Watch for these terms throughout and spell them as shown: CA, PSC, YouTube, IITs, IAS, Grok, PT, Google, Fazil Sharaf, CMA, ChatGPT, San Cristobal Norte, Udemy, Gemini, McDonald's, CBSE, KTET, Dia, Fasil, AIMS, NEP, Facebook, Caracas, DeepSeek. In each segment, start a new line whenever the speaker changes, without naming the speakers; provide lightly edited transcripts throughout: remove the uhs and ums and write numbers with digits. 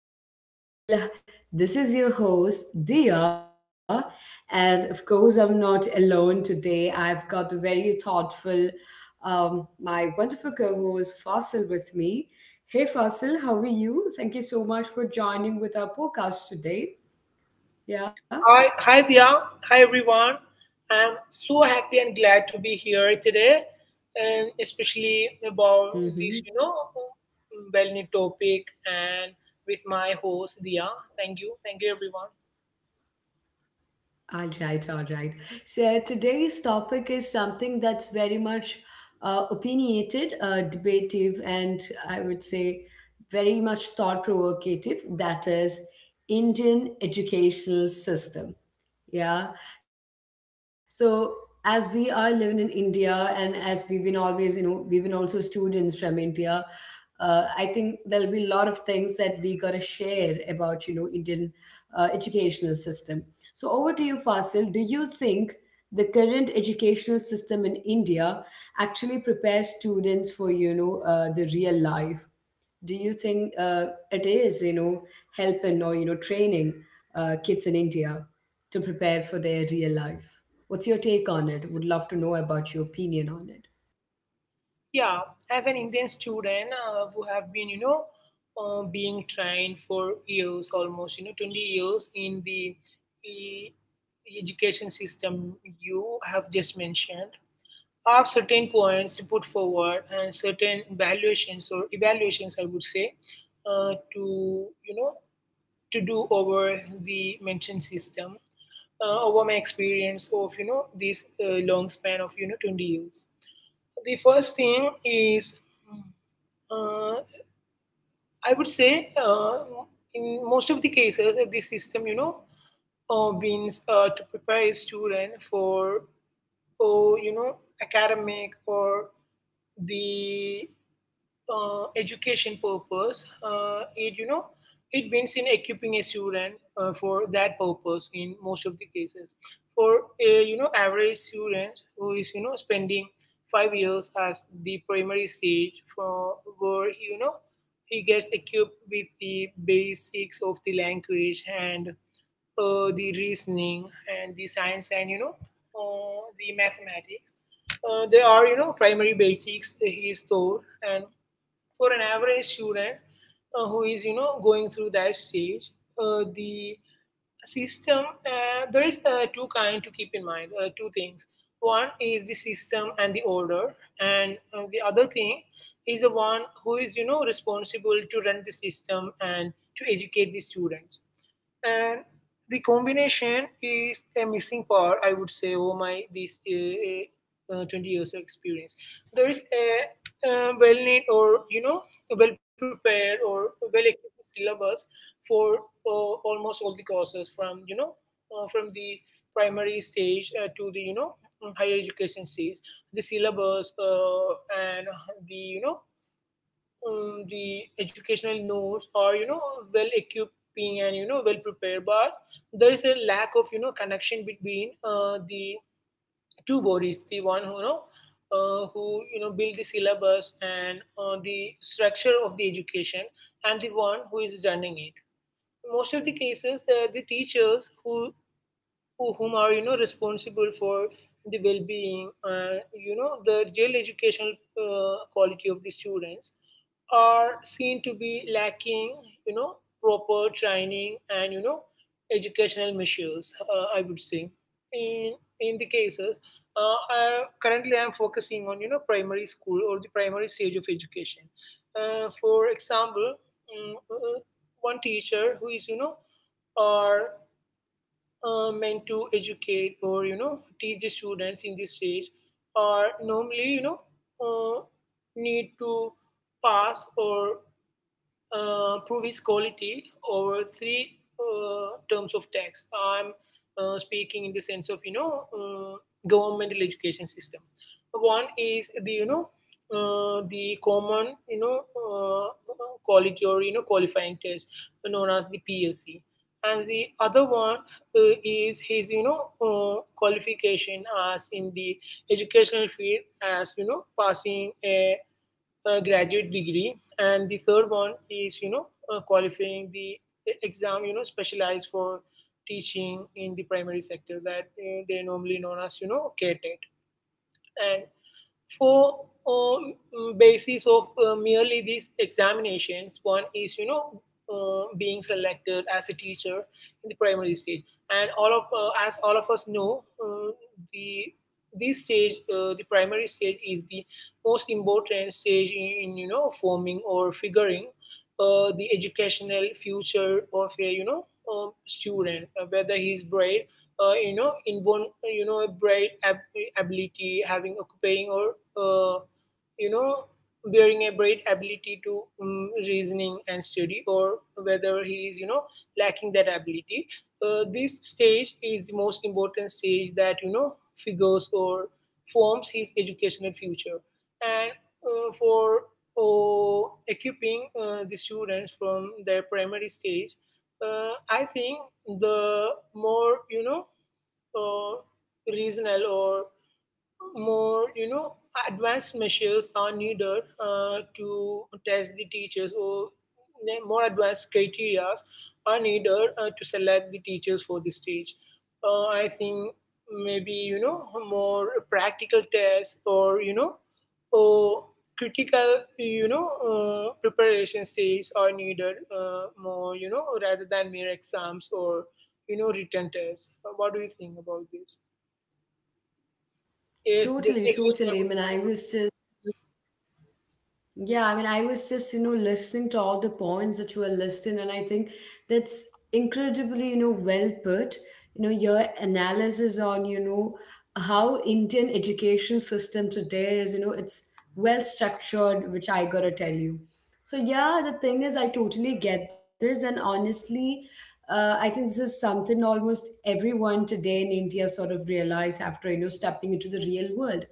podcast. Well, this is your host, Dia, and of course, I'm not alone today. I've got the very thoughtful, my wonderful co host, Fasil, with me. Hey Fasil, how are you? Thank you so much for joining with our podcast today. Yeah.
Hi, Dia. Hi everyone. I'm so happy and glad to be here today, and especially
Mm-hmm.
about this well-known topic and with my host Dia. Thank you everyone.
All right, all right. So today's topic is something that's very much opinionated, debative, and I would say very much thought provocative. That is Indian educational system. Yeah. So as we are living in India and as we've been always, you know, we've been also students from India, I think there'll be a lot of things that we gotta share about, you know, Indian educational system. So over to you, Fasil. Do you think the current educational system in India actually prepares students for, you know, the real life? Do you think it is, you know, helping or, you know, training kids in India to prepare for their real life? What's your take on it? Would love to know about your opinion on it.
Yeah, as an Indian student who have been, being trained for years, almost, 20 years in the e- education system you have just mentioned, are certain points to put forward and certain valuations or evaluations I would say to you know to do over the mentioned system over my experience of this long span of 20 years. The first thing is, uh, I would say, in most of the cases the system, wins to prepare a student for or academic or the education purpose. It it wins in equipping a student for that purpose in most of the cases. For a average student who is spending 5 years as the primary stage, for where he, you know he gets equipped with the basics of the language and the reasoning and the science and the mathematics. There are primary basics he is taught, and for an average student who is going through that stage, uh, the system there is two kind to keep in mind, two things. One is the system and the order, and the other thing is the one who is responsible to run the system and to educate the students, and the combination is a missing part, I would say. Oh my this 20 years of experience, there is a well made or well prepared or well equipped syllabus for almost all the courses from from the primary stage to the higher education stage. The syllabus and the the educational notes, or well equipped and well prepared, but there is a lack of connection between the two bodies, the one who who build the syllabus and the structure of the education, and the one who is running it. Most of the cases, the teachers who whom are responsible for the well-being, the real educational quality of the students, are seen to be lacking, you know proper training and educational measures, I would say. In the cases, uh, I, currently I'm focusing on primary school or the primary stage of education. For example, mm, uh, one teacher who is you know are meant to educate or teach the students in this stage are normally, uh, need to pass or prove his quality over three terms of tax. I'm speaking in the sense of governmental education system. One is the the common, quality or qualifying test known as the PSC, and the other one is his qualification as in the educational field, as passing a graduate degree, and the third one is, qualifying the exam, specialized for teaching in the primary sector, that they normally known as, KTET. And for uh, basis of merely these examinations, one is being selected as a teacher in the primary stage. And all of as all of us know, the the primary stage is the most important stage in, forming or figuring the educational future of a student, whether he's bright, inborn, ability having occupying, or uh, you know bearing a bright ability to reasoning and study, or whether he is lacking that ability. This stage is the most important stage that figures or forms his educational future. And for equipping the students from their primary stage, I think the more uh, regional or more advanced measures are needed to test the teachers, or more advanced criteria are needed to select the teachers for the stage. I think maybe, more practical tests or or critical preparation stages are needed, more, rather than mere exams or written tests. What do you think about this? Yes, just
Totally,
a hint, I
totally I
would
mean
say.
I was just Yeah, I mean, I was just, you know, listening to all the points that you were listing, and I think that's incredibly, you know, well put. You know, your analysis on, you know, how Indian education system today is, you know, it's well structured, which I gotta tell you. So yeah, the thing is, I totally get this, and honestly, I think this is something almost everyone today in India sort of realize after, you know, stepping into the real world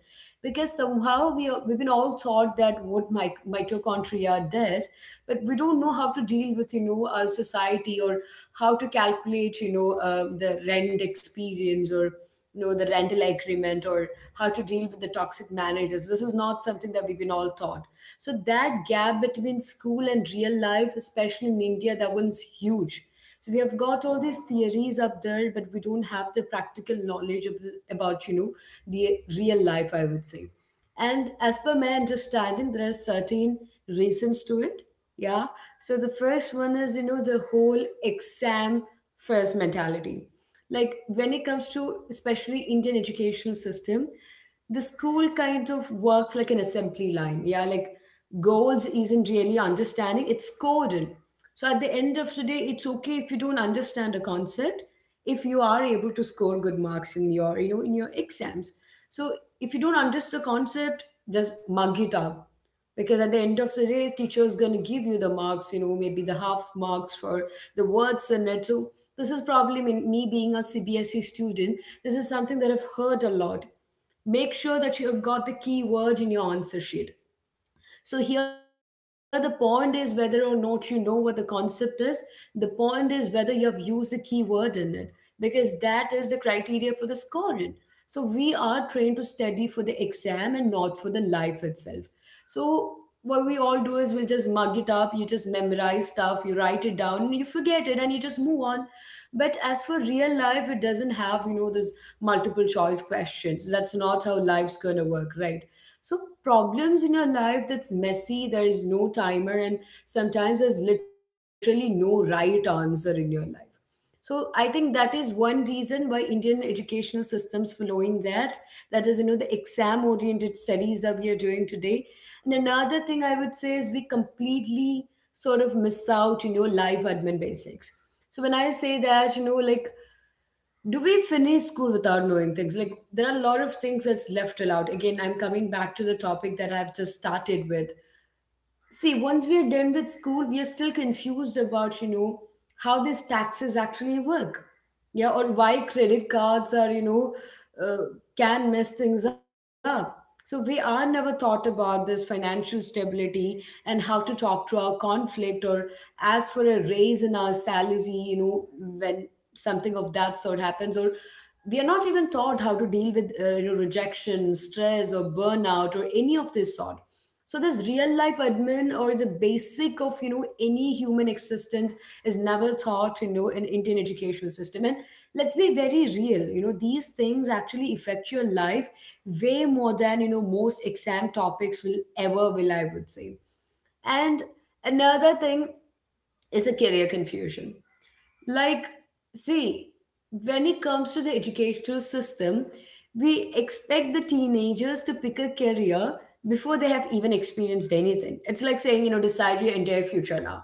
because somehow we've been all taught that what mitochondria does, but we don't know how to deal with, you know, our society, or how to calculate, you know, the rent experience, or, you know, the rental agreement, or how to deal with the toxic managers. This is not something that we've been all taught. So that gap between school and real life, especially in India, that one's huge. So we have got all these theories up there, but we don't have the practical knowledge of, the, about, you know, the real life, I would say. And as per my understanding, there are certain reasons to it. Yeah. So the first one is, you know, the whole exam first mentality. Like when it comes to especially Indian educational system, the school kind of works like an assembly line. Yeah. Like goals isn't really understanding, it's coded. So at the end of the day, it's okay if you don't understand a concept, if you are able to score good marks in your, you know, in your exams. So if you don't understand the concept, just mug it up. Because at the end of the day, teacher is going to give you the marks, you know, maybe the half marks for the words in it. So this is probably me being a CBSE student. This is something that I've heard a lot. Make sure that you have got the key word in your answer sheet. So here the point is whether or not you know what the concept is. The point is whether you have used a keyword in it, because that is the criteria for the scoring. So we are trained to study for the exam and not for the life itself. So what we all do is we'll just mug it up, you just memorize stuff, you write it down, you forget it and you just move on. But as for real life, it doesn't have, you know, this multiple choice questions. That's not how life's gonna work, right? So problems in your life that's messy, there is no timer, and sometimes there's literally no right answer in your life. So I think that is one reason why Indian educational systems following that. That is, you know, the exam-oriented studies that we are doing today. And another thing I would say is we completely sort of miss out, you know, live admin basics. So when I say that, you know, like, do we finish school without knowing things? Like there are a lot of things that's left till out. Again, I'm coming back to the topic that I've just started with. See, once we are done with school, we are still confused about, you know, how these taxes actually work. Yeah, or why credit cards are, you know, uh, can mess things up. So we are never taught about this financial stability and how to talk to our conflict or ask for a raise in our salary, you know, when something of that sort happens, or we are not even taught how to deal with, you know, rejection, stress or burnout or any of this sort. So this real life admin or the basic of, you know, any human existence is never taught, you know, in Indian educational system. And let's be very real, you know, these things actually affect your life way more than, you know, most exam topics will ever will, I would say. And another thing is a career confusion. Like, see, when it comes to the educational system, we expect the teenagers to pick a career before they have even experienced anything. It's like saying, you know, decide your entire future now.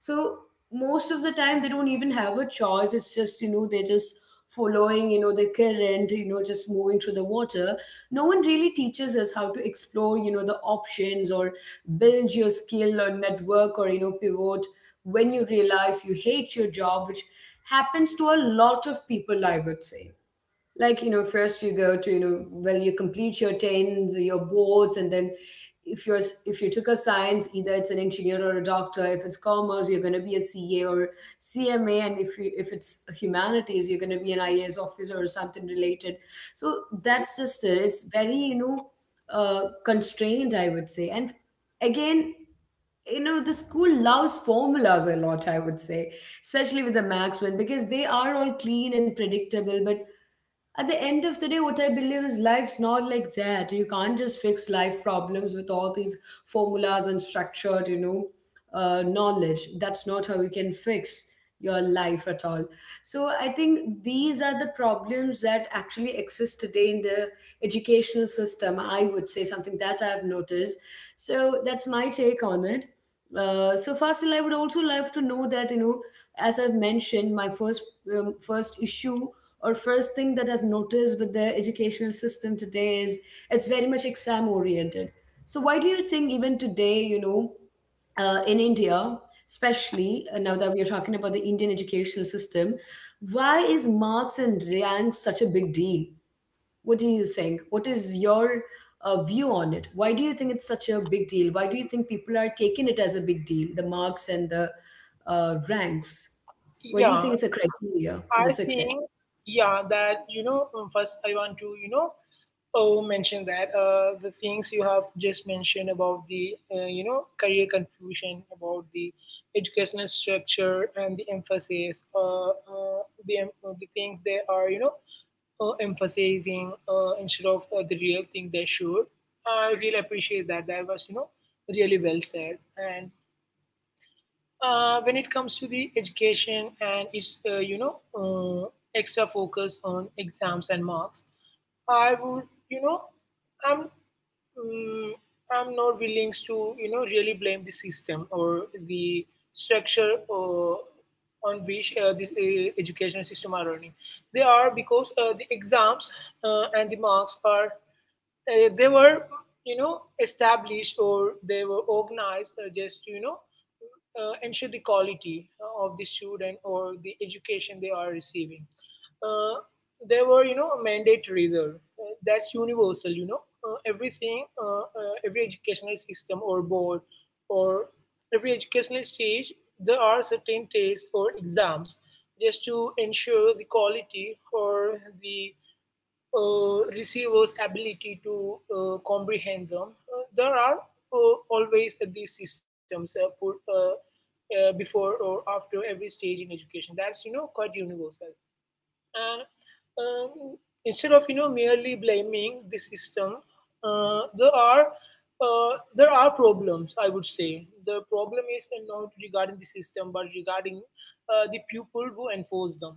So, most of the time, they don't even have a choice. It's just, you know, they're just following, you know, the current, you know, just moving through the water. No one really teaches us how to explore, you know, the options or build your skill or network or, you know, pivot when you realize you hate your job, which happens to a lot of people, I would say. Like, you know, first you go to, you know, well, you complete your 10s, your boards, and then if you're if you took a science, either it's an engineer or a doctor. If it's commerce, you're going to be a CA or CMA, and if it's humanities, you're going to be an IAS officer or something related. So that's just it. It's very, you know, constrained, I would say. And again, you know, the school loves formulas a lot, I would say, especially with the max one, because they are all clean and predictable. But at the end of the day, what I believe is life's not like that. You can't just fix life problems with all these formulas and structured, you know, knowledge. That's not how you can fix your life at all. So I think these are the problems that actually exist today in the educational system, I would say, something that I've noticed. So that's my take on it. So Fasil, I would also love to know that, you know, as I've mentioned, my first first issue or first thing that I've noticed with the educational system today is it's very much exam oriented. So why do you think even today, you know, in India, especially now that we are talking about the Indian educational system, why is marks and ranks such a big deal? What do you think? What is your view on it? Why do you think it's such a big deal? Why do you think people are taking it as a big deal, the marks and the ranks? Why do you
Yeah,
think it's a criteria for
I
the success?
think, yeah, that you know first I want to mention that the things you have just mentioned about the career confusion, about the educational structure and the emphasis, the things they are emphasizing, instead of the real thing they should. I really appreciate that. That was, really well said. And when it comes to the education and its extra focus on exams and marks, I would, you know i'm mm, I'm not willing to really blame the system or the structure on which this educational system are running. They are, because the exams and the marks are, they were, established, or they were organized just to, ensure the quality of the student or the education they are receiving. uh, they were, mandatory there. That's universal, everything, every educational system or board, or every educational stage, there are certain tests or exams just to ensure the quality or the receiver's ability to comprehend them. There are always these systems put before or after every stage in education. That's, quite universal. And um, instead of merely blaming the system, uh, there are there are problems. I would say the problem is not regarding the system, but regarding the people who enforce them.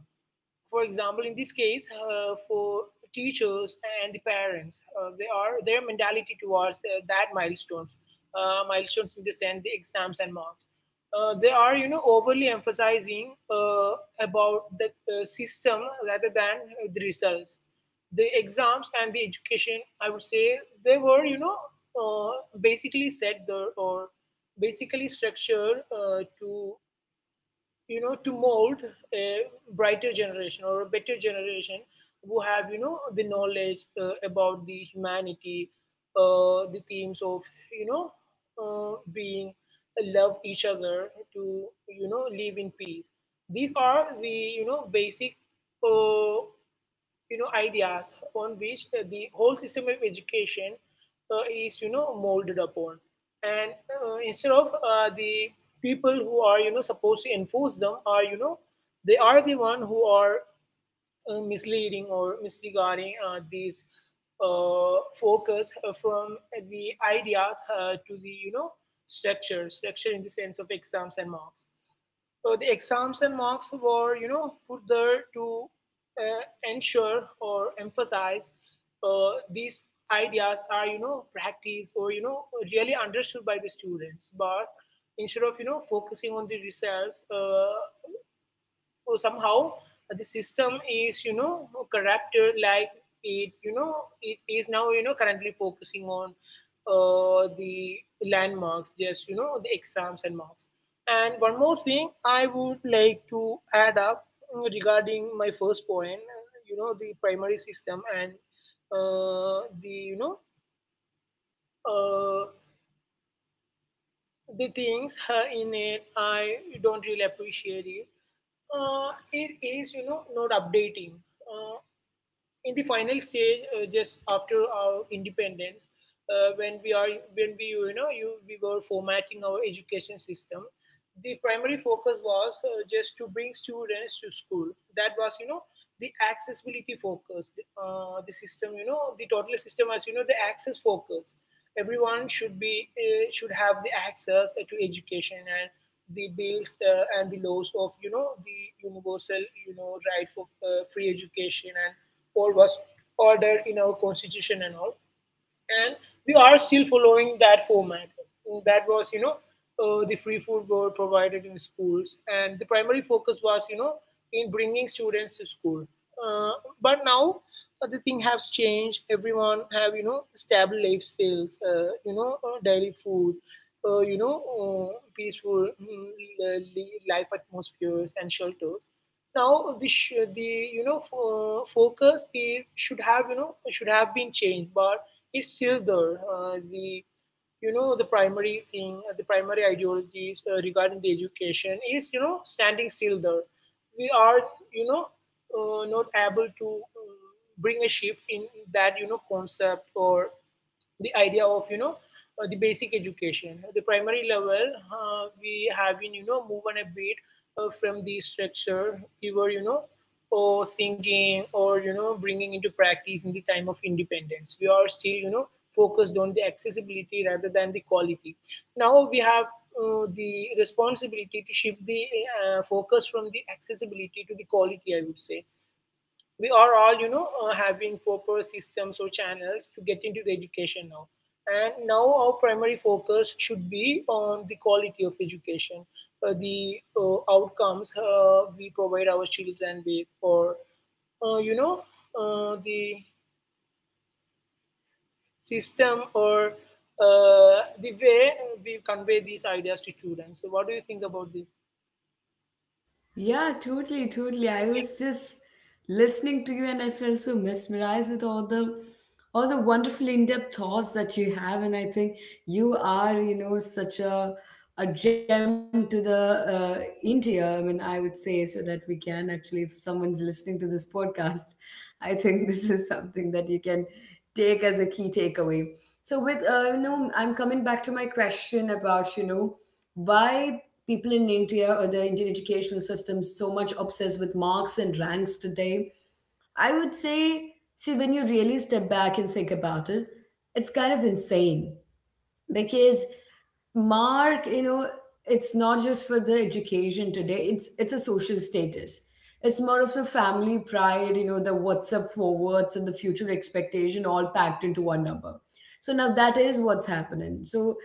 For example, in this case, for teachers and the parents, they are their mentality towards that milestones, milestones in the sense the exams and marks. They are, you know, overly emphasizing, about the system rather than the results. The exams and the education, I would say, they were, uh, basically set there, or basically structured to to mold a brighter generation or a better generation who have, the knowledge about the humanity, the themes of, you know being love each other, to live in peace. These are the, basic, uh, ideas on which the whole system of education is, molded upon. And instead of the people who are, supposed to enforce them are, they are the one who are misleading or misregarding these focus from the ideas to the, structure in the sense of exams and marks. The exams and marks were, you know, put there to uh, ensure or emphasize these ideas are, you know, practiced or, you know, really understood by the students. But instead of, you know, focusing on the results, so somehow the system is, corrupted, like it you know it is now, currently focusing on the landmarks, just, the exams and marks. And one more thing I would like to add up, regarding my first point. You know, the primary system and the you know uh, the things in it, I don't really appreciate is, it is, not updating. Uh, in the final stage, just after our independence, uh, when we are when we, you know you we were formatting our education system, the primary focus was, just to bring students to school. That was, the accessibility focus. The system, the total system as, the access focus. Everyone should be, should have the access to education, and the bills and the laws of, the universal, right for free education and all was ordered in our constitution and all. And we are still following that format. That was, you know, the free food were provided in schools, and the primary focus was, you know, in bringing students to school. Uh, but now the thing has changed. Everyone have, stable life sales, daily food, peaceful life atmospheres and shelters. Now the focus is should have, should have been changed, but it's still there. The you know the primary thing, the primary ideologies, regarding the education, is standing still there. We are, you know not able to, bring a shift in that, concept, or the idea of, the basic education, the primary level. We have been, moving a bit from the structure we were, or thinking, or bringing into practice in the time of independence. We are still, focused on the accessibility rather than the quality. Now we have the responsibility to shift the focus from the accessibility to the quality, I would say. We are all, having proper systems or channels to get into the education now. And now our primary focus should be on the quality of education, the outcomes we provide our children with, or uh, you know the system, or the way we convey these ideas to students. So what do you think about this?
Yeah, totally, totally. I was just listening to you and I felt so mesmerized with all the wonderful in-depth thoughts that you have, and I think you are, you know, such a gem to the India, I mean, I would say, so that we can actually, if someone's listening to this podcast, I think this is something that you can take as a key takeaway. So with you know, I'm coming back to my question about, you know, why people in India or the Indian educational system so much obsessed with marks and ranks today. I would say, see, when you really step back and think about it, it's kind of insane because mark, you know, it's not just for the education today, it's a social status. It's more of the family pride, you know, the WhatsApp forwards and the future expectation all packed into one number. So now that is what's happening. So,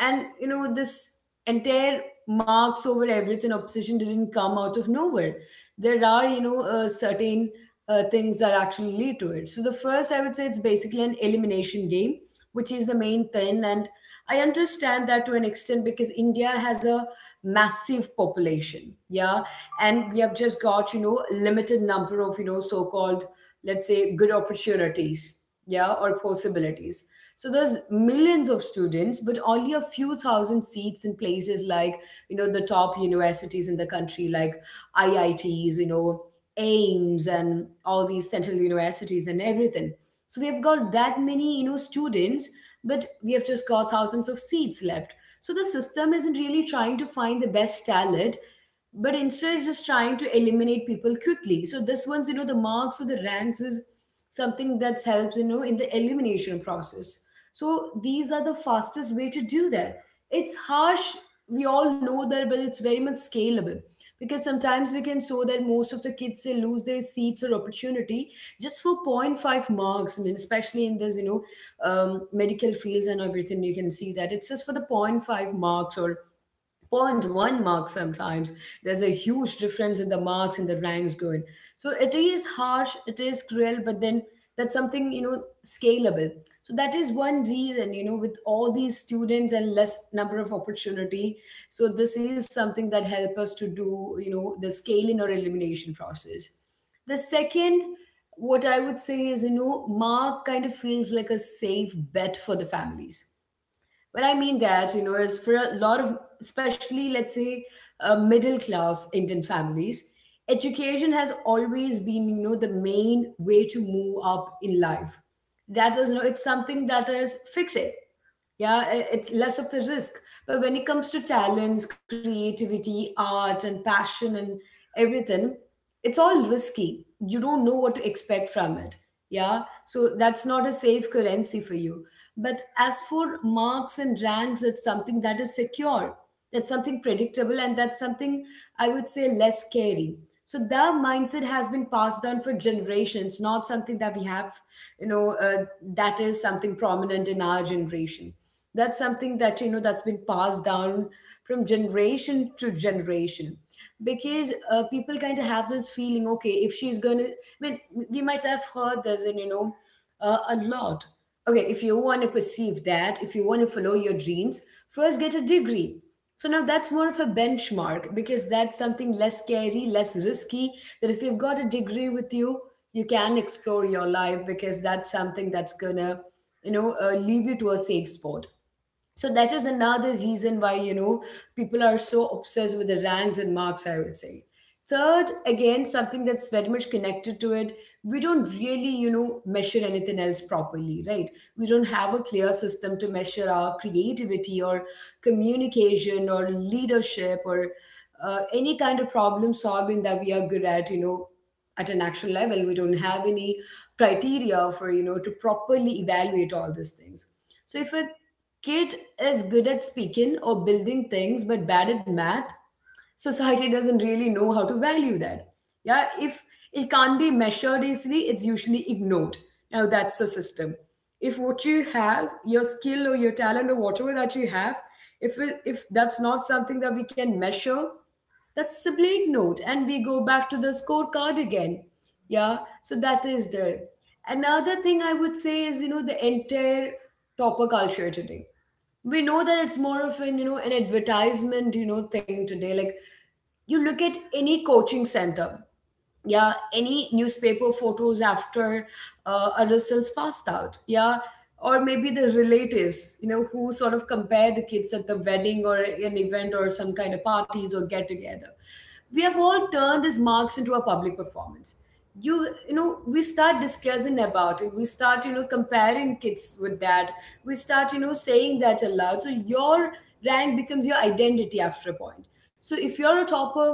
and you know this entire marks over everything obsession didn't come out of nowhere. There are, you know, certain things that actually lead to it. So the first, I would say, it's basically an elimination game, which is the main thing. And I understand that to an extent because India has a massive population, yeah, and we have just got, you know, limited number of, you know, so-called let's say good opportunities, yeah, or possibilities. So there's millions of students, but only a few thousand seats in places like the top universities in the country, like IITs, you know, aims and all these central universities and everything, so we have got that many students, but we have just got thousands of seats left. So the system isn't really trying to find the best talent, but instead it's just trying to eliminate people quickly. So this one's the marks or the ranks is something that helps in the elimination process. So these are the fastest way to do that. It's harsh, we all know that, but it's very much scalable because sometimes we can show that most of the kids, they lose their seats or opportunity just for point 0.5 marks. I mean, especially in this medical fields and everything, you can see that it's just for the point 0.5 marks or point one mark. Sometimes there's a huge difference in the marks and the ranks going. So it is harsh, it is cruel, but then that's something scalable. So that is one reason, with all these students and less number of opportunity. So this is something that help us to do the scaling or elimination process. The second, what I would say is, you know, mark kind of feels like a safe bet for the families. What I mean that, you know, is for a lot of, especially let's say, middle class Indian families, education has always been, you know, the main way to move up in life. That is, you know, it's something that is fixed. Yeah, it's less of the risk. But when it comes to talents, creativity, art and passion and everything, it's all risky. You don't know what to expect from it. Yeah, so that's not a safe currency for you. But as for marks and ranks, it's something that is secure. That's something predictable, and that's something I would say less scary. So the mindset has been passed down for generations, not something that we have, you know uh, that is something prominent in our generation. That's something that, you know, that's been passed down from generation to generation. Because people kind of have this feeling, okay, if she's gonna, I mean, we might have heard this in a lot. Okay, if you want to perceive that, if you want to follow your dreams, first get a degree. So now that's more of a benchmark, because that's something less scary, less risky, that if you've got a degree with you, you can explore your life, because that's something that's gonna leave you to a safe spot. So that is another reason why, you know, people are so obsessed with the ranks and marks, I would say. Third, again, something that's very much connected to it, we don't really measure anything else properly, right? We don't have a clear system to measure our creativity or communication or leadership or any kind of problem solving that we are good at, you know, at an actual level. We don't have any criteria for, to properly evaluate all these things. So if a kid is good at speaking or building things but bad at math, society doesn't really know how to value that. Yeah, if it can't be measured easily, it's usually ignored. Now that's the system. If what you have, your skill or your talent or whatever that you have, if that's not something that we can measure, that's simply ignored, and we go back to the scorecard again. Yeah, so that is there. Another thing I would say is, you know, the entire topper culture today, we know that it's more of an, you know, an advertisement, you know, thing today. Like, you look at any coaching center, yeah, any newspaper photos after a results passed out, yeah, or maybe the relatives, you know, who sort of compare the kids at the wedding or an event or some kind of parties or get together. We have all turned these marks into a public performance. You you know we start discussing about it, we start, you know, comparing kids with that, we start, you know, saying that aloud. So your rank becomes your identity after a point. So if you're a topper,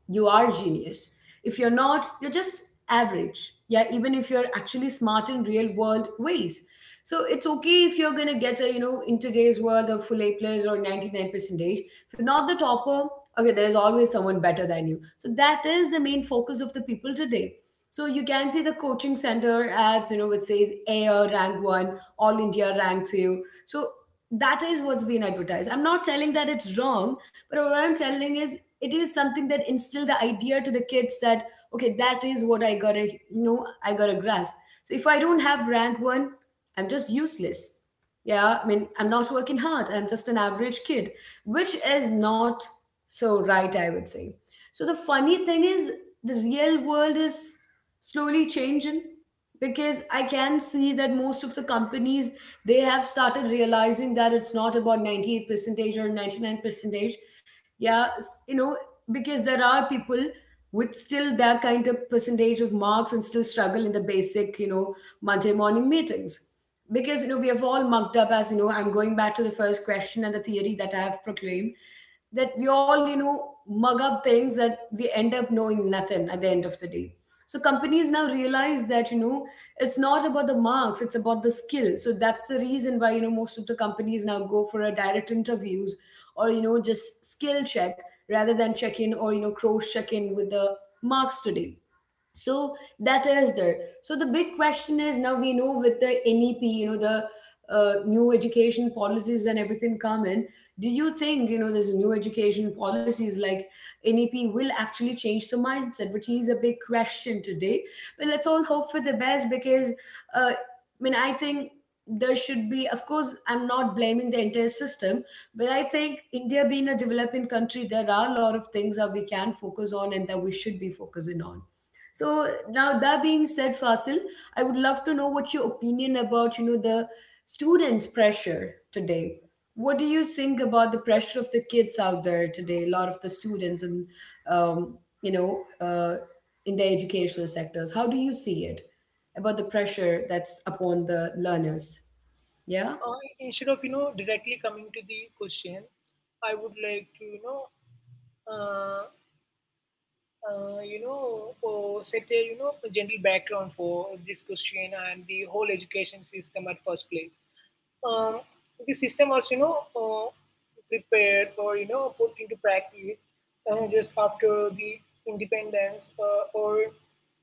you are genius. If you're not, you're just average. Yeah, even if you're actually smart in real world ways. So it's okay if you're gonna get a, you know, in today's world of full a players or 99 percentage, if you're not the topper, okay, there is always someone better than you. So that is the main focus of the people today. So you can see the coaching center ads, you know, which says air rank one, all india rank two. So that is what's been advertised. I'm not telling that it's wrong, but what I'm telling is it is something that instill the idea to the kids that, okay, that is what I gotta, I gotta grasp. So if I don't have rank one, I'm just useless. Yeah, I mean, I'm not working hard, I'm just an average kid, which is not so right, I would say. So the funny thing is, the real world is slowly changing, because I can see that most of the companies, they have started realizing that it's not about 98 percentage or 99 percentage. Yeah, you know, because there are people with still that kind of percentage of marks and still struggle in the basic, you know, Monday morning meetings. Because, you know, we have all mugged up as, you know, I'm going back to the first question and the theory that I have proclaimed, that we all, you know, mug up things that we end up knowing nothing at the end of the day. So companies now realize that, you know, it's not about the marks, it's about the skill. So that's the reason why, you know, most of the companies now go for a direct interviews or, you know, just skill check, rather than check in or, you know, cross check in with the marks today. So that is there. So the big question is, now we know with the nep, you know, the new education policies and everything come in, do you think, you know, there's new education policies like nep will actually change the mindset, which is a big question today. But let's all hope for the best, because I mean, I think there should be, of course, I'm not blaming the entire system, but I think india being a developing country, there are a lot of things that we can focus on and that we should be focusing on. So now that being said, Fasil, I would love to know what your opinion about, you know, the students' pressure today. What do you think about the pressure of the kids out there today? A lot of the students and, um, you know, in the educational sectors. How do you see it about the pressure that's upon the learners? Yeah.
Instead of, directly coming to the question, I would like to, uh, set a, a general background for this question and the whole education system at first place. Um, the system was, prepared, or put into practice just after the independence, or,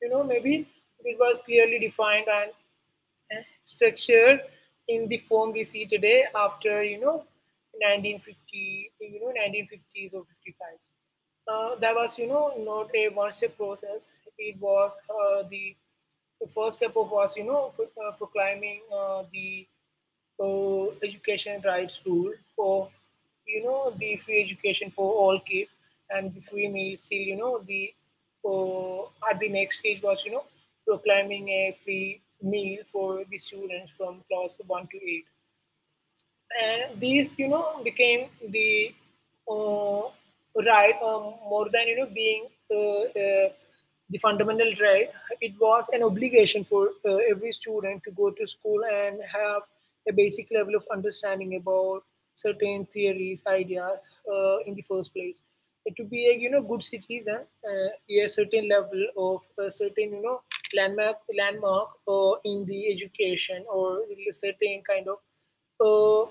maybe it was clearly defined and structured in the form we see today after, 1950, 1950s or 55. That was, not a one-step process. It was, the first step of was, proclaiming the education rights rule of, the free education for all kids, and the free meals till, the uh, at the next stage was, proclaiming a free meal for the students from class 1 to 8, and these, became the uh, right, more than, being uh, uh, the fundamental right. It was an obligation for, every student to go to school and have a basic level of understanding about certain theories, ideas, in the first place, to be a, good citizen, a certain level, of a certain, landmark in the education, or a certain kind of, uh,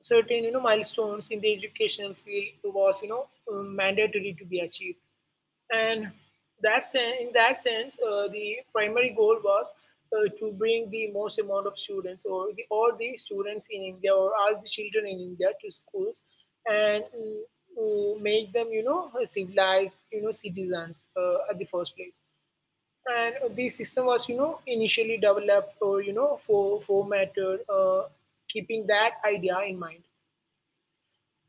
certain, milestones in the educational field was, mandatory to be achieved. And in that sense, the primary goal was to bring the most amount of students, or all the students in India, or all the children in India to schools, and make them, civilized, citizens, at the first place. And the system was, initially developed, or formatted, keeping that idea in mind.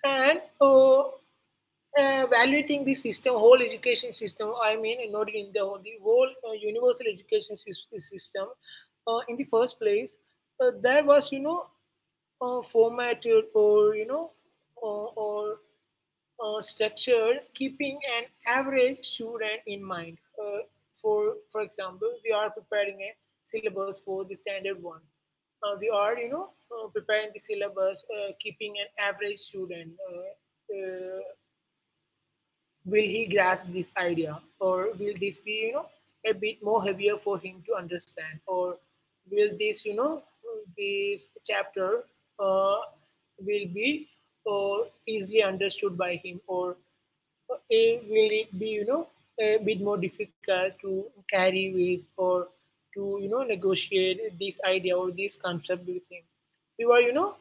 And evaluating the system, whole education system, I mean, not in the whole universal education system, in the first place, that was, formatted, or, or structured, keeping an average student in mind. For example, we are preparing a syllabus for the standard one. We are, preparing the syllabus, keeping an average student. Uh, will he grasp this idea, or will this be, a bit more heavier for him to understand, or will this, this chapter uh, will be easily understood by him, or will it be, a bit more difficult to carry with, or to, negotiate this idea or this concept with him? We were,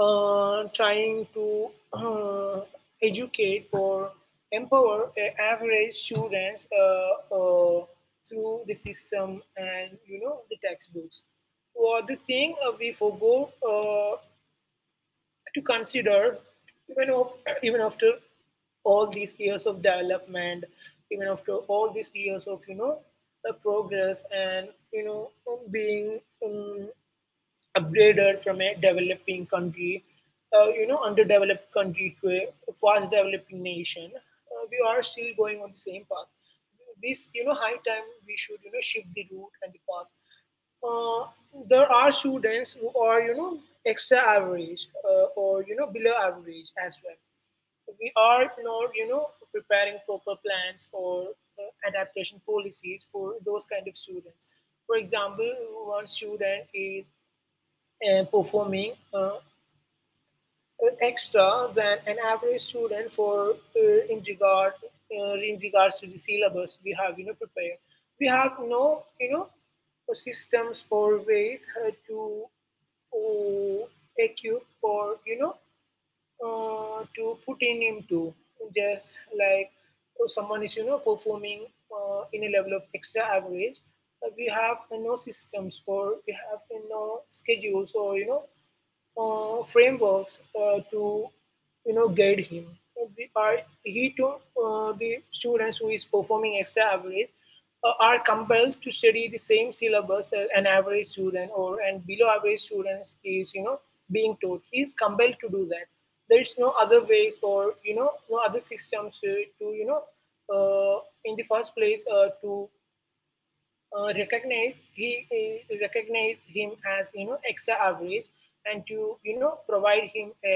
trying to uh, educate or empower average students through the system and, the textbooks. Or the thing we forgo to consider even of, even after all these years of development, even after all these years of, the progress, and, you know being um, upgraded from a developing country, underdeveloped country, to a fast developing nation, we are still going on the same path. This, high time we should, shift the route and the path. Uh, there are students who are, extra average, or, below average as well. We are not, preparing proper plans, or adaptation policies for those kind of students. For example, one student is performing extra than an average student for, in regards to the syllabus we have, prepared. We have no, systems or ways to uh, equip, or, to put in into. Just like, someone is, performing in a level of extra average, we have no systems, or we have no schedules, or, frameworks to, guide him. We are, he to the students who is performing as average are compelled to study the same syllabus as an average student, or and below average students is, being taught. He is compelled to do that. There is no other ways, or, no other systems to, in the first place, to recognized him as, extra average, and to, provide him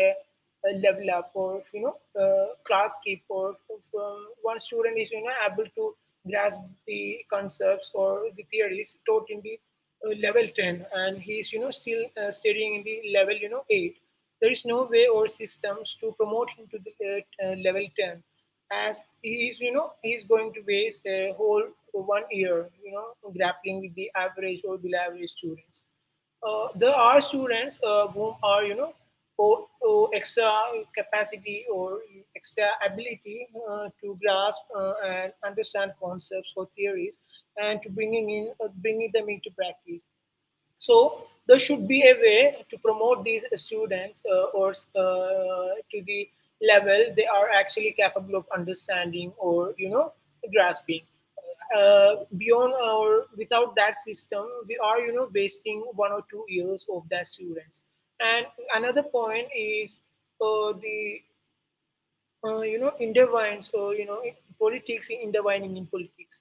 a level up, or, class keep. Or if, one student is, able to grasp the concepts or the theories taught in the level 10, and he's, still studying in the level, 8, there is no way or systems to promote him to the level 10, as he is, he is going to waste a whole one year, grappling with the average or below average students. There are students whom are, or extra capacity, or extra ability to grasp and understand concepts or theories, and to bringing them into practice. So there should be a way to promote these students, or to the level they are actually capable of understanding, or, grasping. Beyond or without that system, we are, wasting 1 or 2 years of that students. And another point is the intertwines, or, in politics, intertwining in politics.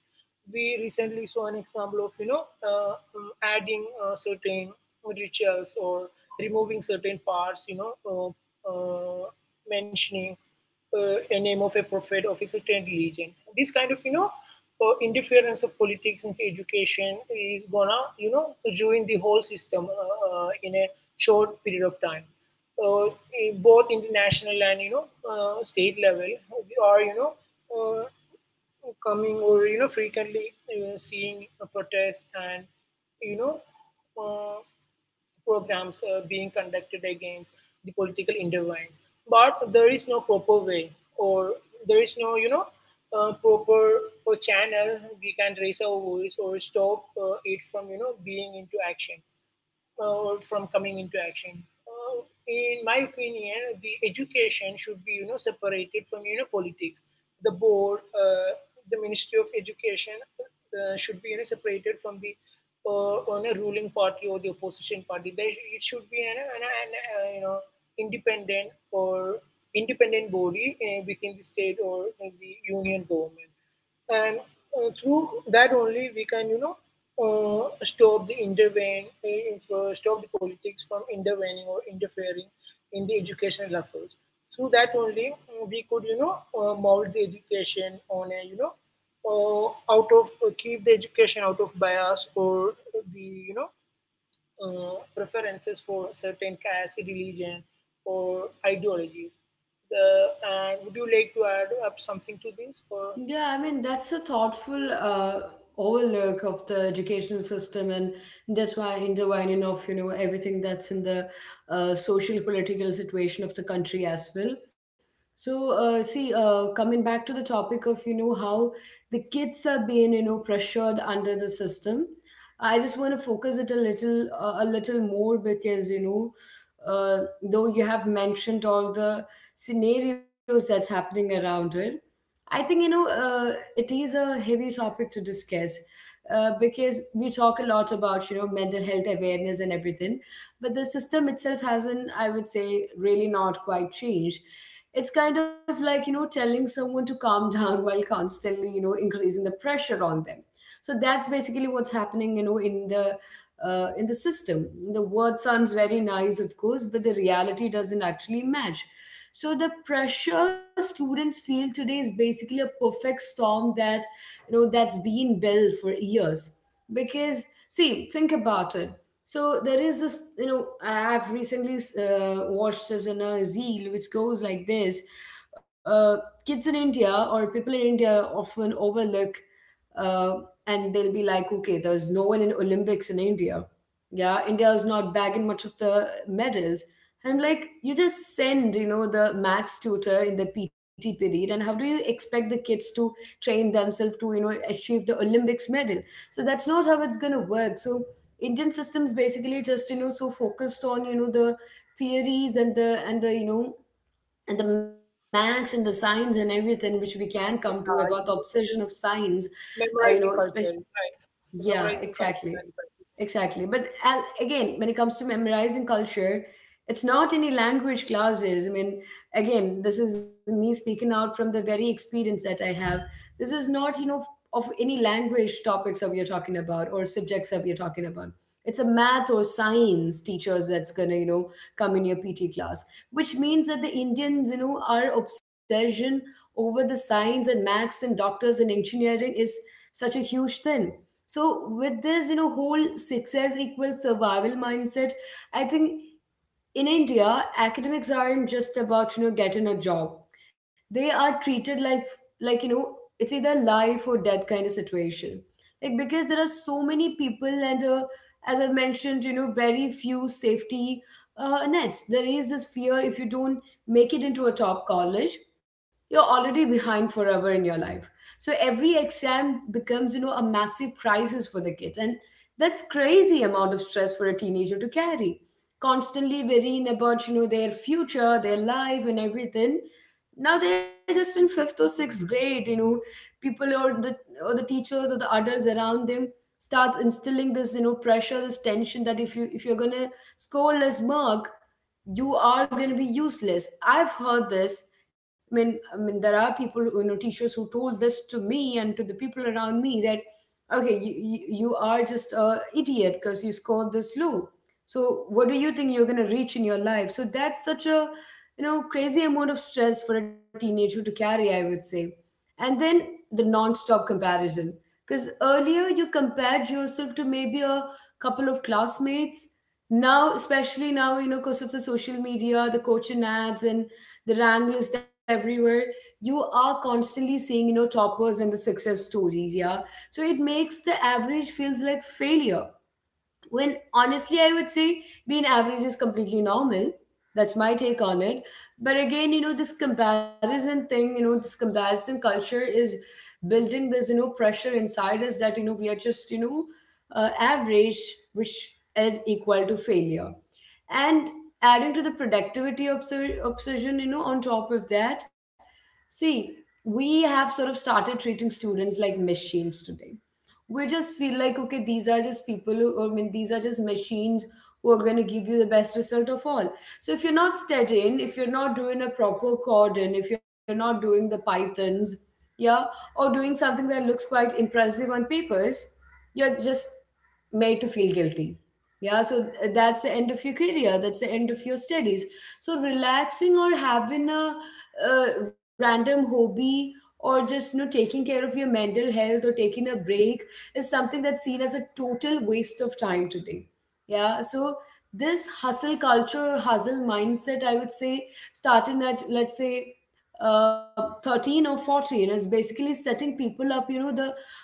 We recently saw an example of, adding certain rituals, or removing certain parts, mentioning a name of a prophet of a certain religion. This kind of, interference of politics into education is gonna, ruin the whole system in a short period of time. Uh, in both international and, state level, we are, uh, coming, or, frequently seeing protests and, you know uh, programs being conducted against the political interventions. But there is no proper way, or there is no, proper channel we can raise our voice or stop it from, being into action, from coming into action. Uh, in my opinion, the education should be, separated from, politics. The board, the Ministry of Education should be, separated from the on a ruling party or the opposition party. It should be an independent, or independent body within the state or the union government, and through that only we can, stop the intervene, stop the politics from intervening or interfering in the educational efforts. Through that only, we could, mold the education on a, out of keep the education out of bias, or the, preferences for certain caste, religion, or ideologies. the, and would you like to add up something to this, or
Yeah, I mean, that's a thoughtful overlook of the education system, and that's why intertwining of, you know, everything that's in the social political situation of the country as well. So, see, coming back to the topic of, you know, how the kids are being, you know, pressured under the system, I just want to focus it a little more, because, you know, though you have mentioned all the scenarios that's happening around it, I think, it is a heavy topic to discuss, because we talk a lot about, you know, mental health awareness and everything, but the system itself hasn't, I would say, really not quite changed. It's kind of like, you know, telling someone to calm down while constantly, you know, increasing the pressure on them. So that's basically what's happening, you know, in the system. The word sounds very nice, of course, but the reality doesn't actually match. So the pressure students feel today is basically a perfect storm that, you know, that's been built for years. Because see, think about it. So there is this, you know, I've recently watched this in a reel which goes like this: uh, kids in India or people in India often overlook, uh, and they'll be like, okay, there's no one in Olympics in India. Yeah, India is not bagging much of the medals. And like you just send, you know, the max tutor in the PT period, and how do you expect the kids to train themselves to, you know, achieve the Olympics medal? So that's not how it's gonna work. So Indian systems basically just, so focused on, the theories and and the max and the science and everything which we can come to about the
you
obsession of science,
memorizing
especially
culture, right? The
yeah,
memorizing
exactly.
culture and practice.
Exactly. But again, when it comes to memorizing culture, it's not any language classes. I mean, again, this is me speaking out from the very experience that I have. This is not, of any language topics that you are talking about or subjects that you are talking about. It's a math or science teachers that's gonna, come in your PT class, which means that the Indians, our obsession over the science and maths and doctors and engineering is such a huge thing. So with this, whole success equals survival mindset, I think in India, academics aren't just about getting a job. They are treated like like you know it's either life or death kind of situation. Like because there are so many people and, as I mentioned, very few safety nets. There is this fear if you don't make it into a top college, you're already behind forever in your life. So every exam becomes a massive crisis for the kids, and that's crazy amount of stress for a teenager to carry, constantly worrying about their future, their life, and everything. Now they're just in fifth or sixth grade. People, or the teachers or the adults around them start instilling this pressure, this tension, that if you're gonna score less mark, you are gonna be useless. I've heard this. I mean, there are people, teachers who told this to me and to the people around me, that, okay, you are just a idiot because you scored this low, so what do you think you're going to reach in your life? So that's such a, crazy amount of stress for a teenager to carry, I would say. And then the non-stop comparison, because earlier you compared yourself to maybe a couple of classmates. Now, especially now, because of the social media, the coaching ads, and the rank list everywhere, you are constantly seeing, toppers and the success stories, yeah. So it makes the average feels like failure, when honestly, I would say being average is completely normal. That's my take on it. But again, this comparison thing, this comparison culture is building this, pressure inside us, that, we are just, average, which is equal to failure. And adding to the productivity obsession, on top of that, see, we have sort of started treating students like machines today. We just feel like, okay, these are just people I mean, these are just machines who are going to give you the best result of all. So if you're not studying, if you're not doing a proper cordon, if you're not doing the pythons, yeah, or doing something that looks quite impressive on papers, you're just made to feel guilty. Yeah, so, that's the end of your career, that's the end of your studies. So relaxing, or having a random hobby, or just, taking care of your mental health or taking a break, is something that's seen as a total waste of time today. Yeah, so this hustle culture or hustle mindset, I would say, starting at, let's say, 13 or 14, is basically setting people up, you know, the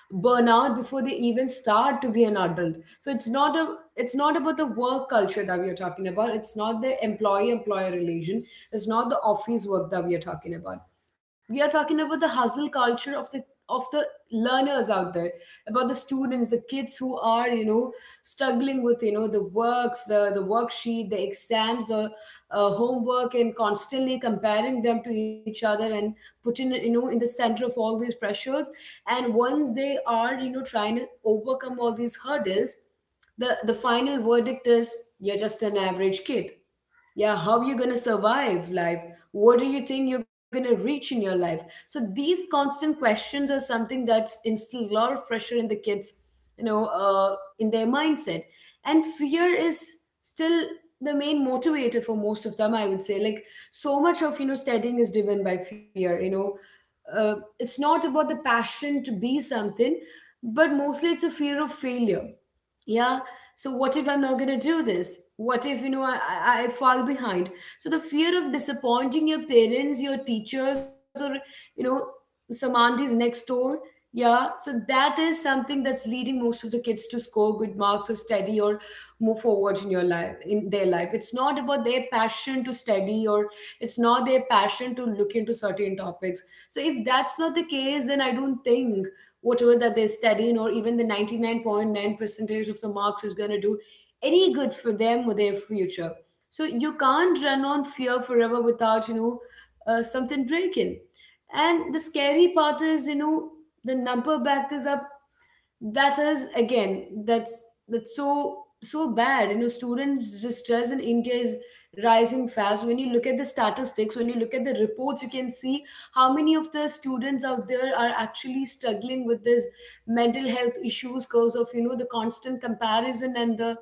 burnout before they even start to be an adult. So it's not about the work culture that we are talking about. It's not the employee employer relation. It's not the office work that we are talking about. We are talking about the hustle culture of the learners out there, about the students, the kids, who are, struggling with, the works, the worksheet, the exams, the homework, and constantly comparing them to each other, and putting, in the center of all these pressures. And once they are, trying to overcome all these hurdles, the final verdict is, you're just an average kid. Yeah. How are you gonna survive life? What do you think you're gonna reach in your life? So these constant questions are something that's instilled a lot of pressure in the kids, in their mindset. And fear is still the main motivator for most of them, I would say. Like, so much of, studying is driven by fear, it's not about the passion to be something, but mostly it's a fear of failure, yeah. So what if I'm not going to do this? What if, I fall behind? So the fear of disappointing your parents, your teachers, or, you know some aunties next door, yeah. So that is something that's leading most of the kids to score good marks or study or move forward in your life, in their life. It's not about their passion to study, or it's not their passion to look into certain topics. So if that's not the case, then I don't think whatever that they're studying, or even the 99.9 percentage of the marks, is going to do any good for them or their future. So you can't run on fear forever without, something breaking. And the scary part is, the number backers are, that is again, that's so so bad. Students distress in India is rising fast. When you look at the statistics, when you look at the reports, you can see how many of the students out there are actually struggling with this mental health issues, because of, the constant comparison, and the,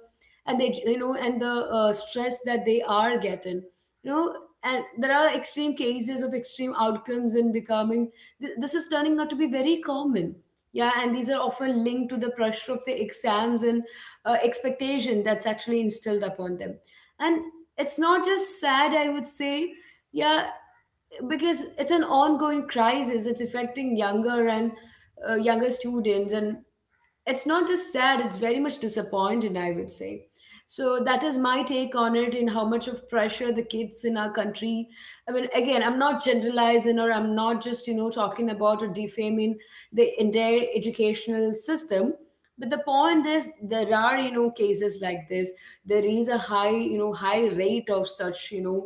and they, and the, stress that they are getting, you know and there are extreme cases of extreme outcomes, and becoming, this is turning out to be very common. Yeah, and these are often linked to the pressure of the exams and, expectation that's actually instilled upon them. And it's not just sad, I would say, yeah, because it's an ongoing crisis. It's affecting younger and, younger students, and it's not just sad, it's very much disappointed, I would say. So that is my take on it, and how much of pressure the kids in our country. I mean, again, I'm not generalizing, or I'm not just, talking about or defaming the entire educational system. But the point is, there are, cases like this. There is a high, high rate of such, you know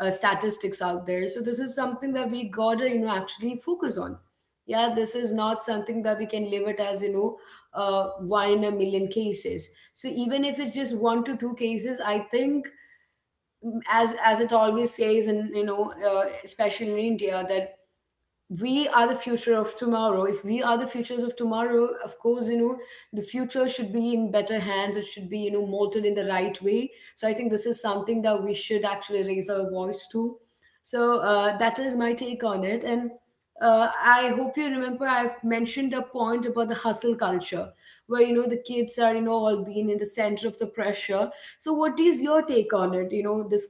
uh, statistics out there, so this is something that we gotta, actually focus on, yeah. This is not something that we can live it as, one in a million cases. So even if it's just one to two cases, I think, as it always says, and, especially in India, that we are the future of tomorrow. If we are the futures of tomorrow, of course, the future should be in better hands. It should be, molded in the right way. So I think this is something that we should actually raise our voice to. So, that is my take on it, and, I hope you remember I've mentioned a point about the hustle culture, where, the kids are, all being in the center of the pressure. So what is your take on it? This,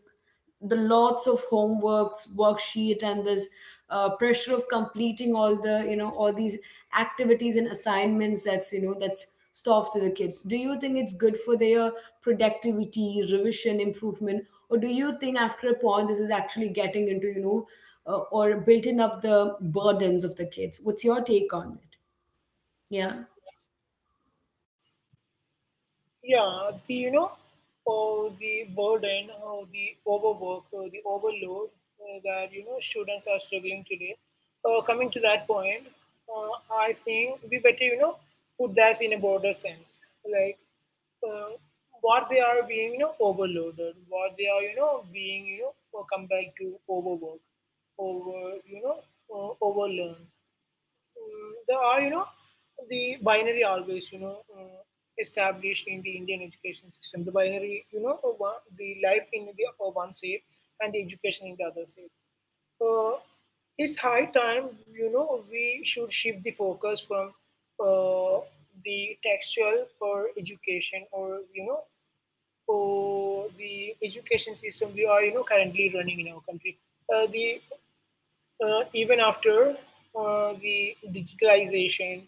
the lots of homeworks, worksheet, and this, pressure of completing all the, all these activities and assignments that's, that's stuffed to the kids. Do you think it's good for their productivity, revision, improvement? Or do you think after a point this is actually getting into, or building up the burdens of the kids? What's your take on it? Yeah.
Yeah, the, oh, the burden, oh, the overwork, oh, the overload that, students are struggling today. Coming to that point, I think we better, put that in a broader sense, like, uh, what they are being, overloaded, what they are, being, compared to overwork, over, overlearn. There are, the binary always, established in the Indian education system. The binary, the life in the one side and the education in the other side. Uh, it's high time, we should shift the focus from uh, the textual or education or the education system we are, currently running in our country. The Even after the digitalization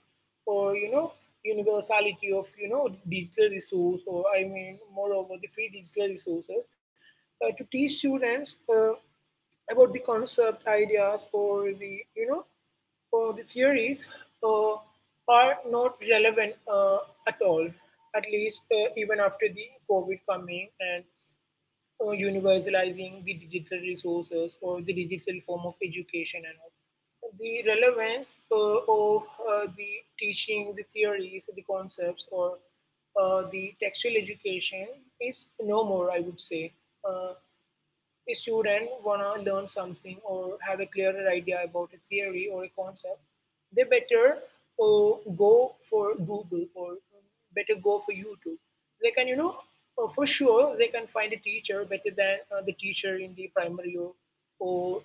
or universality of digital resource or I mean moreover the free digital resources to teach students about the concept ideas or the you know or the theories uh, are not relevant at all, at least even after the covid coming and or universalizing the digital resources or the digital form of education and all. The relevance of the teaching, the theories, the concepts, or the textual education is no more, I would say. Uh, a student wanna learn something or have a clearer idea about a theory or a concept, they better go for Google or better go for YouTube. They can, for sure they can find a teacher better than the teacher in the primary, or or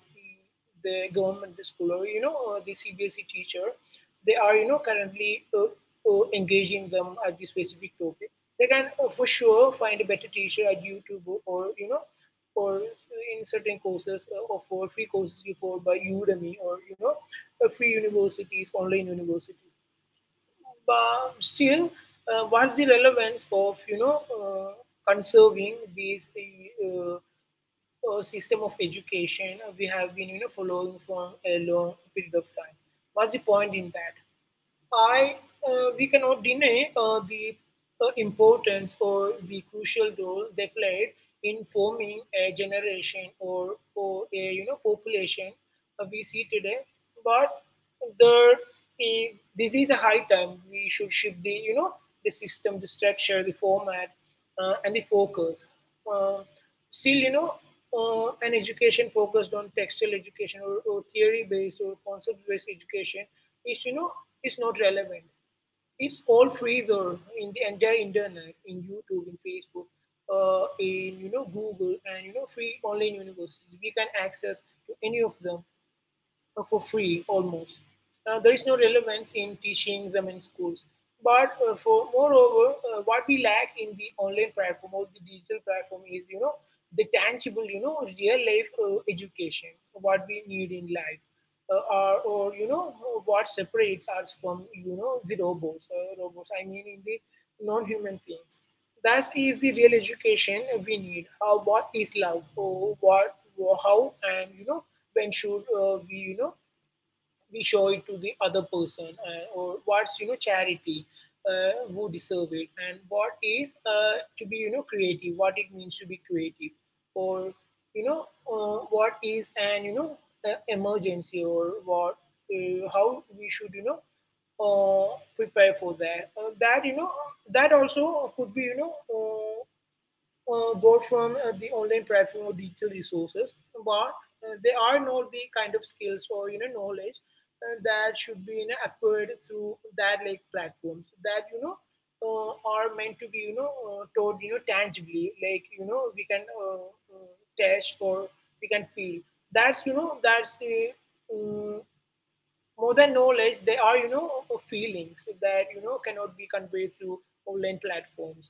the government school or the CBSE teacher. They are, currently engaging them at the specific topic. They can for sure find a better teacher at YouTube or or in certain courses offer free courses before by Udemy or free universities, online universities. But still, what's the relevance of conserving these system of education we have been following for a long period of time? What's the point in that? I We cannot deny the importance or the crucial role they played in forming a generation or a population we see today. But there, this is a high time we should shift the you know the system, the structure, the format, and the focus. Uh, Still, an education focused on textual education, or theory-based or concept-based education is, you know, is not relevant. It's all freeware in the entire internet, in YouTube, in Facebook, in Google, and free online universities. We can access to any of them for free almost. There is no relevance in teaching them in schools. But for moreover, what we lack in the online platform or the digital platform is, you know, the tangible, you know, real life education, what we need in life, or, what separates us from, you know, the robots. Robots, I mean, in the non-human things. That is the real education we need. How What is love? Oh, and when should we show it to the other person, or what's charity, who deserve it, and what is to be creative, what it means to be creative, or what is an emergency, or what how we should uh, prepare for that, that that also could be both from the online platform or digital resources, but they are not the kind of skills or knowledge that should be, acquired through that like platforms, that are meant to be taught tangibly, like we can test or we can feel. That's a, um, more than knowledge, they are, you know, feelings that, you know, cannot be conveyed through online platforms.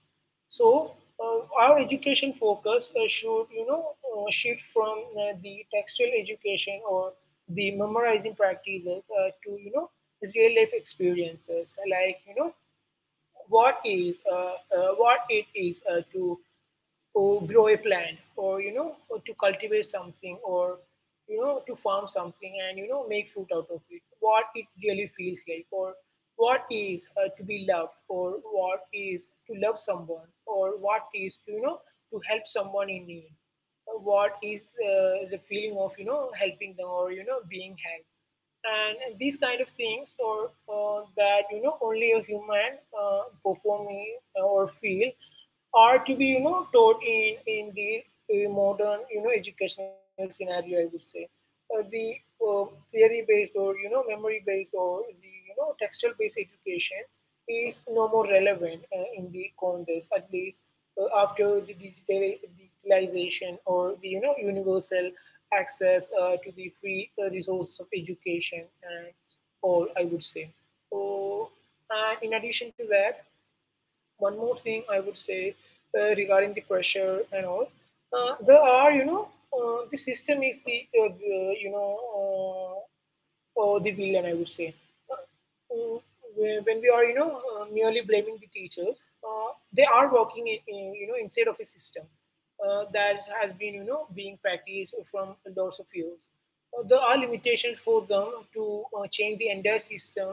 So, our education focus should, shift from the textual education or the memorizing practices to, you know, real life experiences, like, you know, what it is to, or grow a plant, or or to cultivate something, or to farm something and make food out of it, what it really feels like, or what is to be loved, or what is to love someone, or what is to to help someone in need. What is the feeling of helping them, or being helped, and these kind of things, or that only a human performing or feel are to be taught in the modern educational scenario, I would say. Uh, the uh, theory based or memory based or the textual based education is no more relevant in the context, at least after the digitalization or the universal access to the free resources of education and all, I would say. So, and in addition to that, one more thing I would say. Regarding the pressure and all, there are, the system is the you know or the villain, I would say. Uh, mm, when we are merely blaming the teachers, uh, they are working inside of a system that has been being practiced from lots of years. There are limitations for them to change the entire system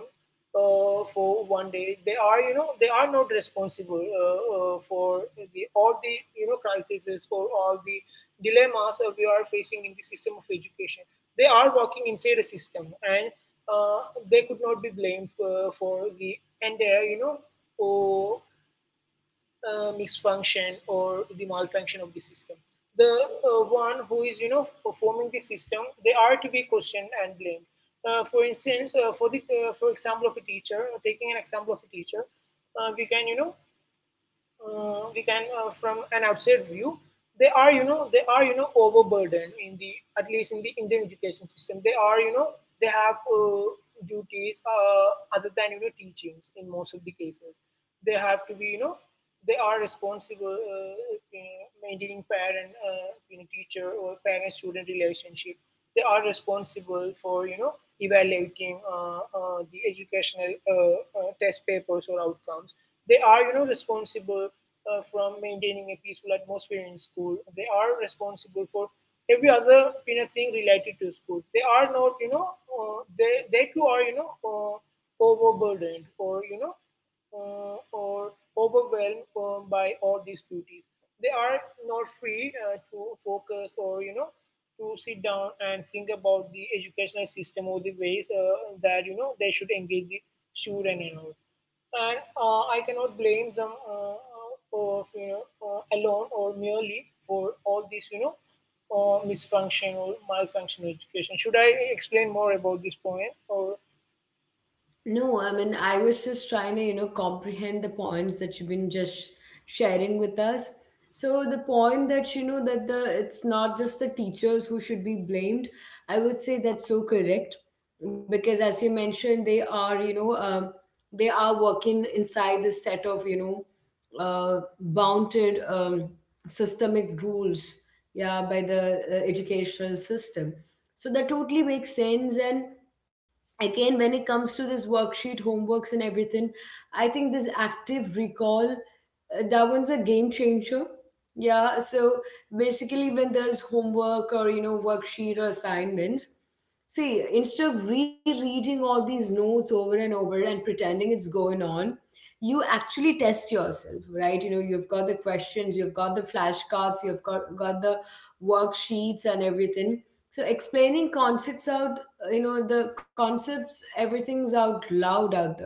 for one day. They are not responsible for the all the crises, for all the dilemmas that we are facing in the system of education. They are working inside a system, and uh, they could not be blamed for the entire uh, misfunction or the malfunction of the system. The one who is, you know, performing the system, they are to be questioned and blamed. For instance, for example of a teacher, taking an example of a teacher, we can, from an outside view, they are overburdened in the, at least in the Indian education system, they are, they have duties other than teachings in most of the cases. They have to be, they are responsible maintaining parent, you know, teacher or parent student relationship. They are responsible for evaluating the educational test papers or outcomes. They are, responsible from maintaining a peaceful atmosphere in school. They are responsible for every other thing related to school. They are not, they too are, overburdened or or overwhelmed by all these duties. They are not free to focus or to sit down and think about the educational system or the ways that they should engage the student and all. And I cannot blame them for alone or merely for all this misfunction or malfunction education. Should I explain more about this point? Or,
No, I mean, I was just trying to, comprehend the points that you've been just sharing with us. So the point that you know that the it's not just the teachers who should be blamed, I would say that's so correct, because as you mentioned, they are working inside this set of, bounded, systemic rules, yeah, by the, educational system. So that totally makes sense. And again, when it comes to this worksheet homeworks and everything, I think this active recall, that one's a game changer. Yeah. So basically when there's homework or, you know, worksheet or assignments, see, instead of rereading all these notes over and over and pretending it's going on, you actually test yourself, right? You know, you've got the questions, you've got the flashcards, you've got the worksheets and everything. So explaining concepts out, you know, the concepts, everything's out loud out there.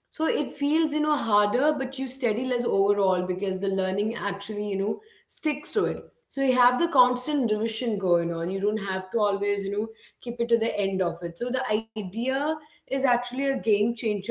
So it feels, you know, harder, but you study less overall because the learning actually, you know, sticks to it. So you have the constant revision going on, you don't have to always, you know, keep it to the end of it. So the idea is actually a game changer.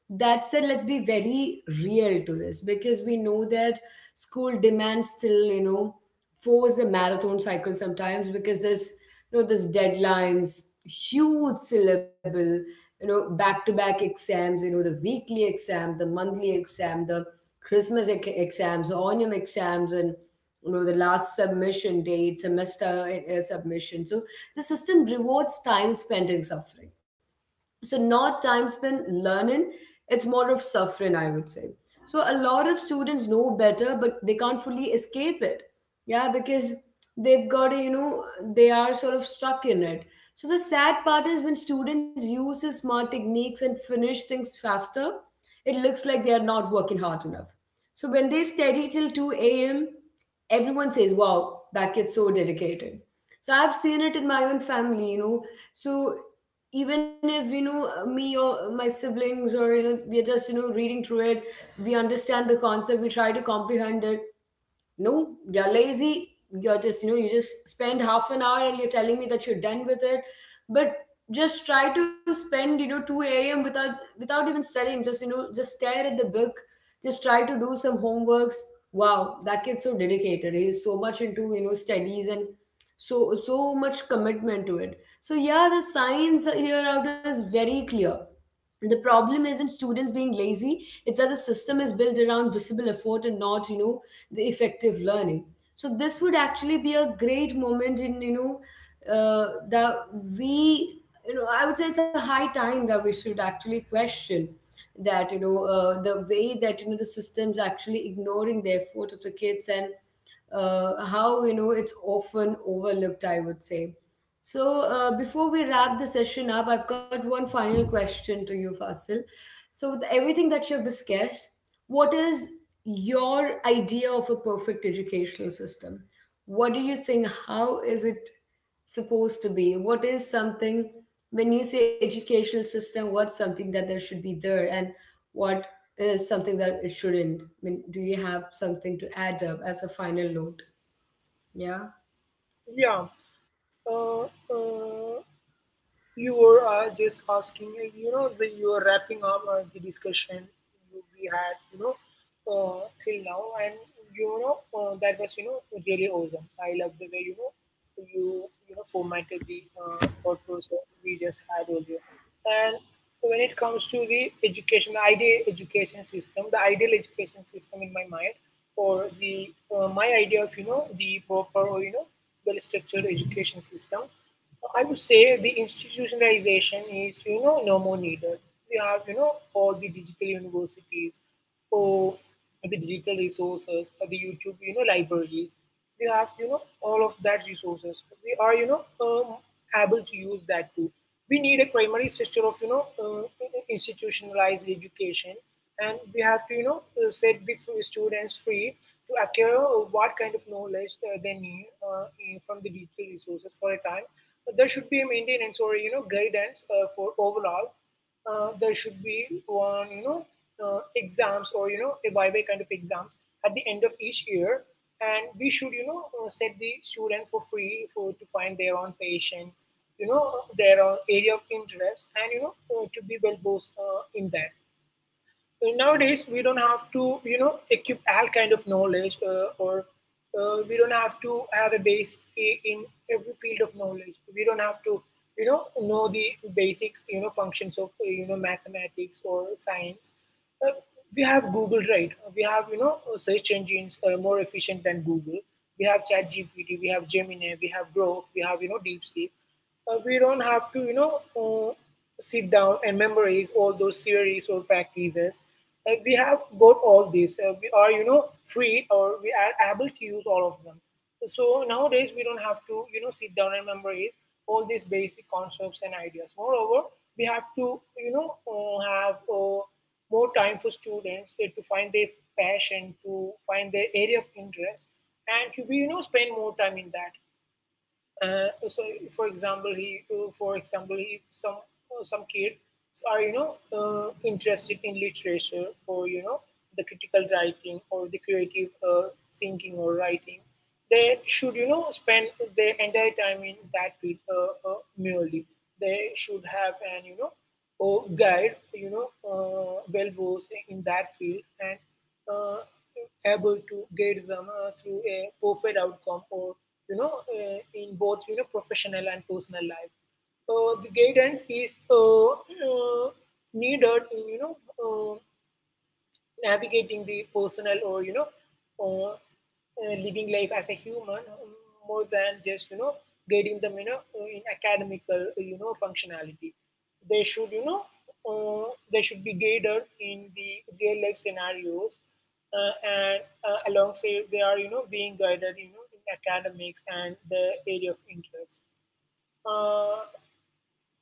That said, let's be very real to this because we know that school demands still, you know, force the marathon cycle sometimes because there's, you know, this deadlines, huge syllable, you know, back to back exams, you know, the weekly exam, the monthly exam, the christmas exams, onium exams, and you know, the last submission date, semester submission. So the system rewards time spent in suffering. So not time spent learning. It's more of suffering, I would say. So a lot of students know better but they can't fully escape it. Yeah, because they've got to, you know, they are sort of stuck in it. So the sad part is when students use the smart techniques and finish things faster, it looks like they are not working hard enough. So when they study till 2 a.m, everyone says, wow, that kid's so dedicated. So I've seen it in my own family, you know. So even if, you know, me or my siblings or, you know, we're just, you know, reading through it, we understand the concept, we try to comprehend it. No, you're lazy, you're just, you know, you just spend half an hour and you're telling me that you're done with it. But just try to spend, you know, 2 a.m, without even studying, just, you know, just stare at the book, just try to do some homeworks. Wow, that kid's so dedicated, he's so much into, you know, studies and so, so much commitment to it. So yeah, the signs here out is very clear. The problem isn't students being lazy, it's that the system is built around visible effort and not, you know, the effective learning. So this would actually be a great moment in, you know, that we, you know, I would say it's a high time that we should actually question that, you know, the way that, you know, the system's actually ignoring the effort of the kids, and how, you know, it's often overlooked, I would say. So, before we wrap the session up, I've got one final question to you, Fasil. So, with everything that you've discussed, what is your idea of a perfect educational system? What do you think? How is it supposed to be? What is something, when you say educational system, what's something that there should be there and what is something that it shouldn't? I mean, do you have something to add up as a final note? Yeah.
yeah. Uh, uh, You were just asking, you were wrapping up the discussion we had, till now, and that was, you know, really awesome. I love the way you know you you know formatted the thought process we just had earlier. And when it comes to the education, the ideal education system, the ideal education system in my mind, or the my idea of the proper or well structured education system, I would say the institutionalization is, you know, no more needed. We have, all the digital universities, or the digital resources, or the YouTube, libraries. We have, all of that resources, we are, able to use that too. We need a primary structure of institutionalized education, and we have to set the students free to acquire what kind of knowledge they need from the digital resources for a time. But there should be a maintenance or guidance for overall. There should be you know, exams or a viva kind of exams at the end of each year, and we should set the student for free for to find their own passion, you know, their own area of interest, and to be well versed in that. Nowadays we don't have to equip all kind of knowledge, or we don't have to have a base in every field of knowledge. We don't have to know the basics, functions of, mathematics or science. uh, we have Google, right? We have search engines more efficient than Google. We have chat gpt we have Gemini, we have Grok, we have, DeepSeek. We don't have to uh, sit down and memorize all those theories or practices. We have got all these. We are, you know, free, or we are able to use all of them. So nowadays we don't have to, you know, sit down and memorize all these basic concepts and ideas. Moreover, we have to, have more time for students to find their passion, to find their area of interest, and to be, spend more time in that. So for example, if some some kids are, interested in literature, or the critical writing, or the creative thinking or writing, they should spend their entire time in that field, merely. They should have an, or guide, well versed in that field, and uh, able to guide them through a perfect outcome, or in both professional and personal life. The guidance is needed in uh, navigating the personal, or living life as a human, more than just guiding them in academical, you know, functionality. They should, uh, be guided in the real life scenarios, and alongside they are, being guided, in academics and the area of interest. uh,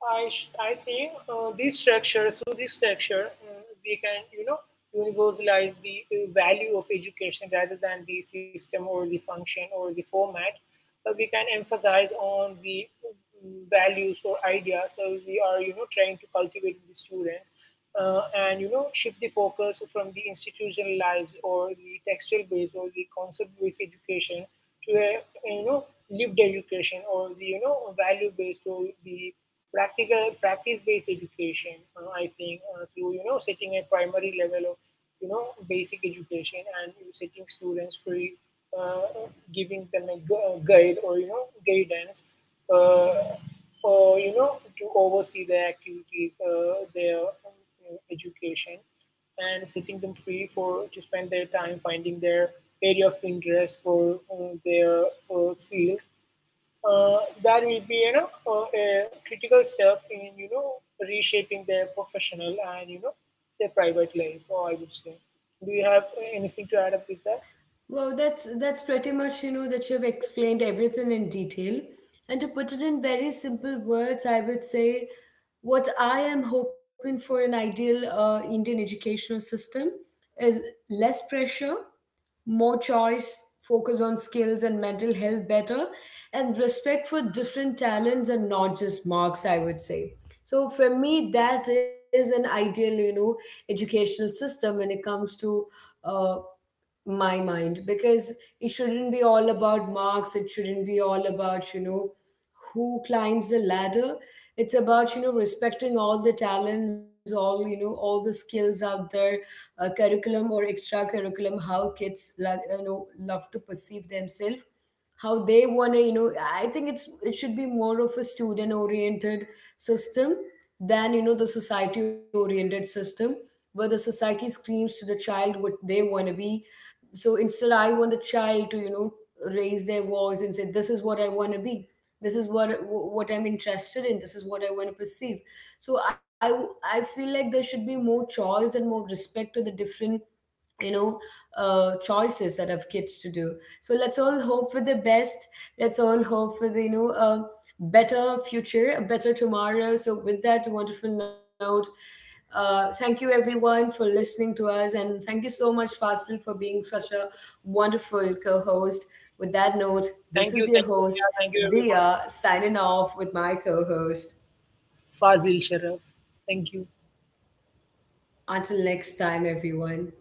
I think, this structure, through this structure, we can, you know, universalize the value of education rather than the system or the function or the format. But we can emphasize on the values or ideas that we are, you know, trying to cultivate in the students, and shift the focus from the institutionalized or the textual based or the concept based education to a you know lived education or the value based or the practical practice based education. I think through setting a primary level of basic education and setting students free, uh, giving them a guide or guidance, uh, you know, to oversee their activities, their education, and setting them free for to spend their time finding their area of interest for their field. That will be a critical step in reshaping their professional and their private life. Or I would say, do you have anything to add up with that?
Well, that's pretty much, you know, that you've explained everything in detail. And to put it in very simple words, I would say what I am hoping for an ideal Indian educational system is less pressure, more choice, focus on skills and mental health better, and respect for different talents and not just marks, I would say. So for me, that is an ideal, you know, educational system when it comes to uh, my mind, because it shouldn't be all about marks, it shouldn't be all about, you know, who climbs the ladder. It's about, you know, respecting all the talents, all, you know, all the skills out there, curriculum or extra curriculum, how kids like, you know, love to perceive themselves, how they want to, you know, I think it should be more of a student oriented system than, you know, the society oriented system, where the society screams to the child what they want to be. So instead, I want the child to, you know, raise their voice and say, this is what I want to be, this is what I'm interested in, this is what I want to perceive. So I feel like there should be more choice and more respect to the different, you know, choices that have kids to do. So let's all hope for the best. Let's all hope for the, you know, a better future, a better tomorrow. So with that wonderful note, thank you everyone for listening to us, and thank you so much, Fasil, for being such a wonderful co-host. With that note,
Thank
this
you,
is your
yeah, thank
host,
you everyone.
Dia, signing off with my co-host.
Fazil Sharaf, thank you.
Until next time everyone.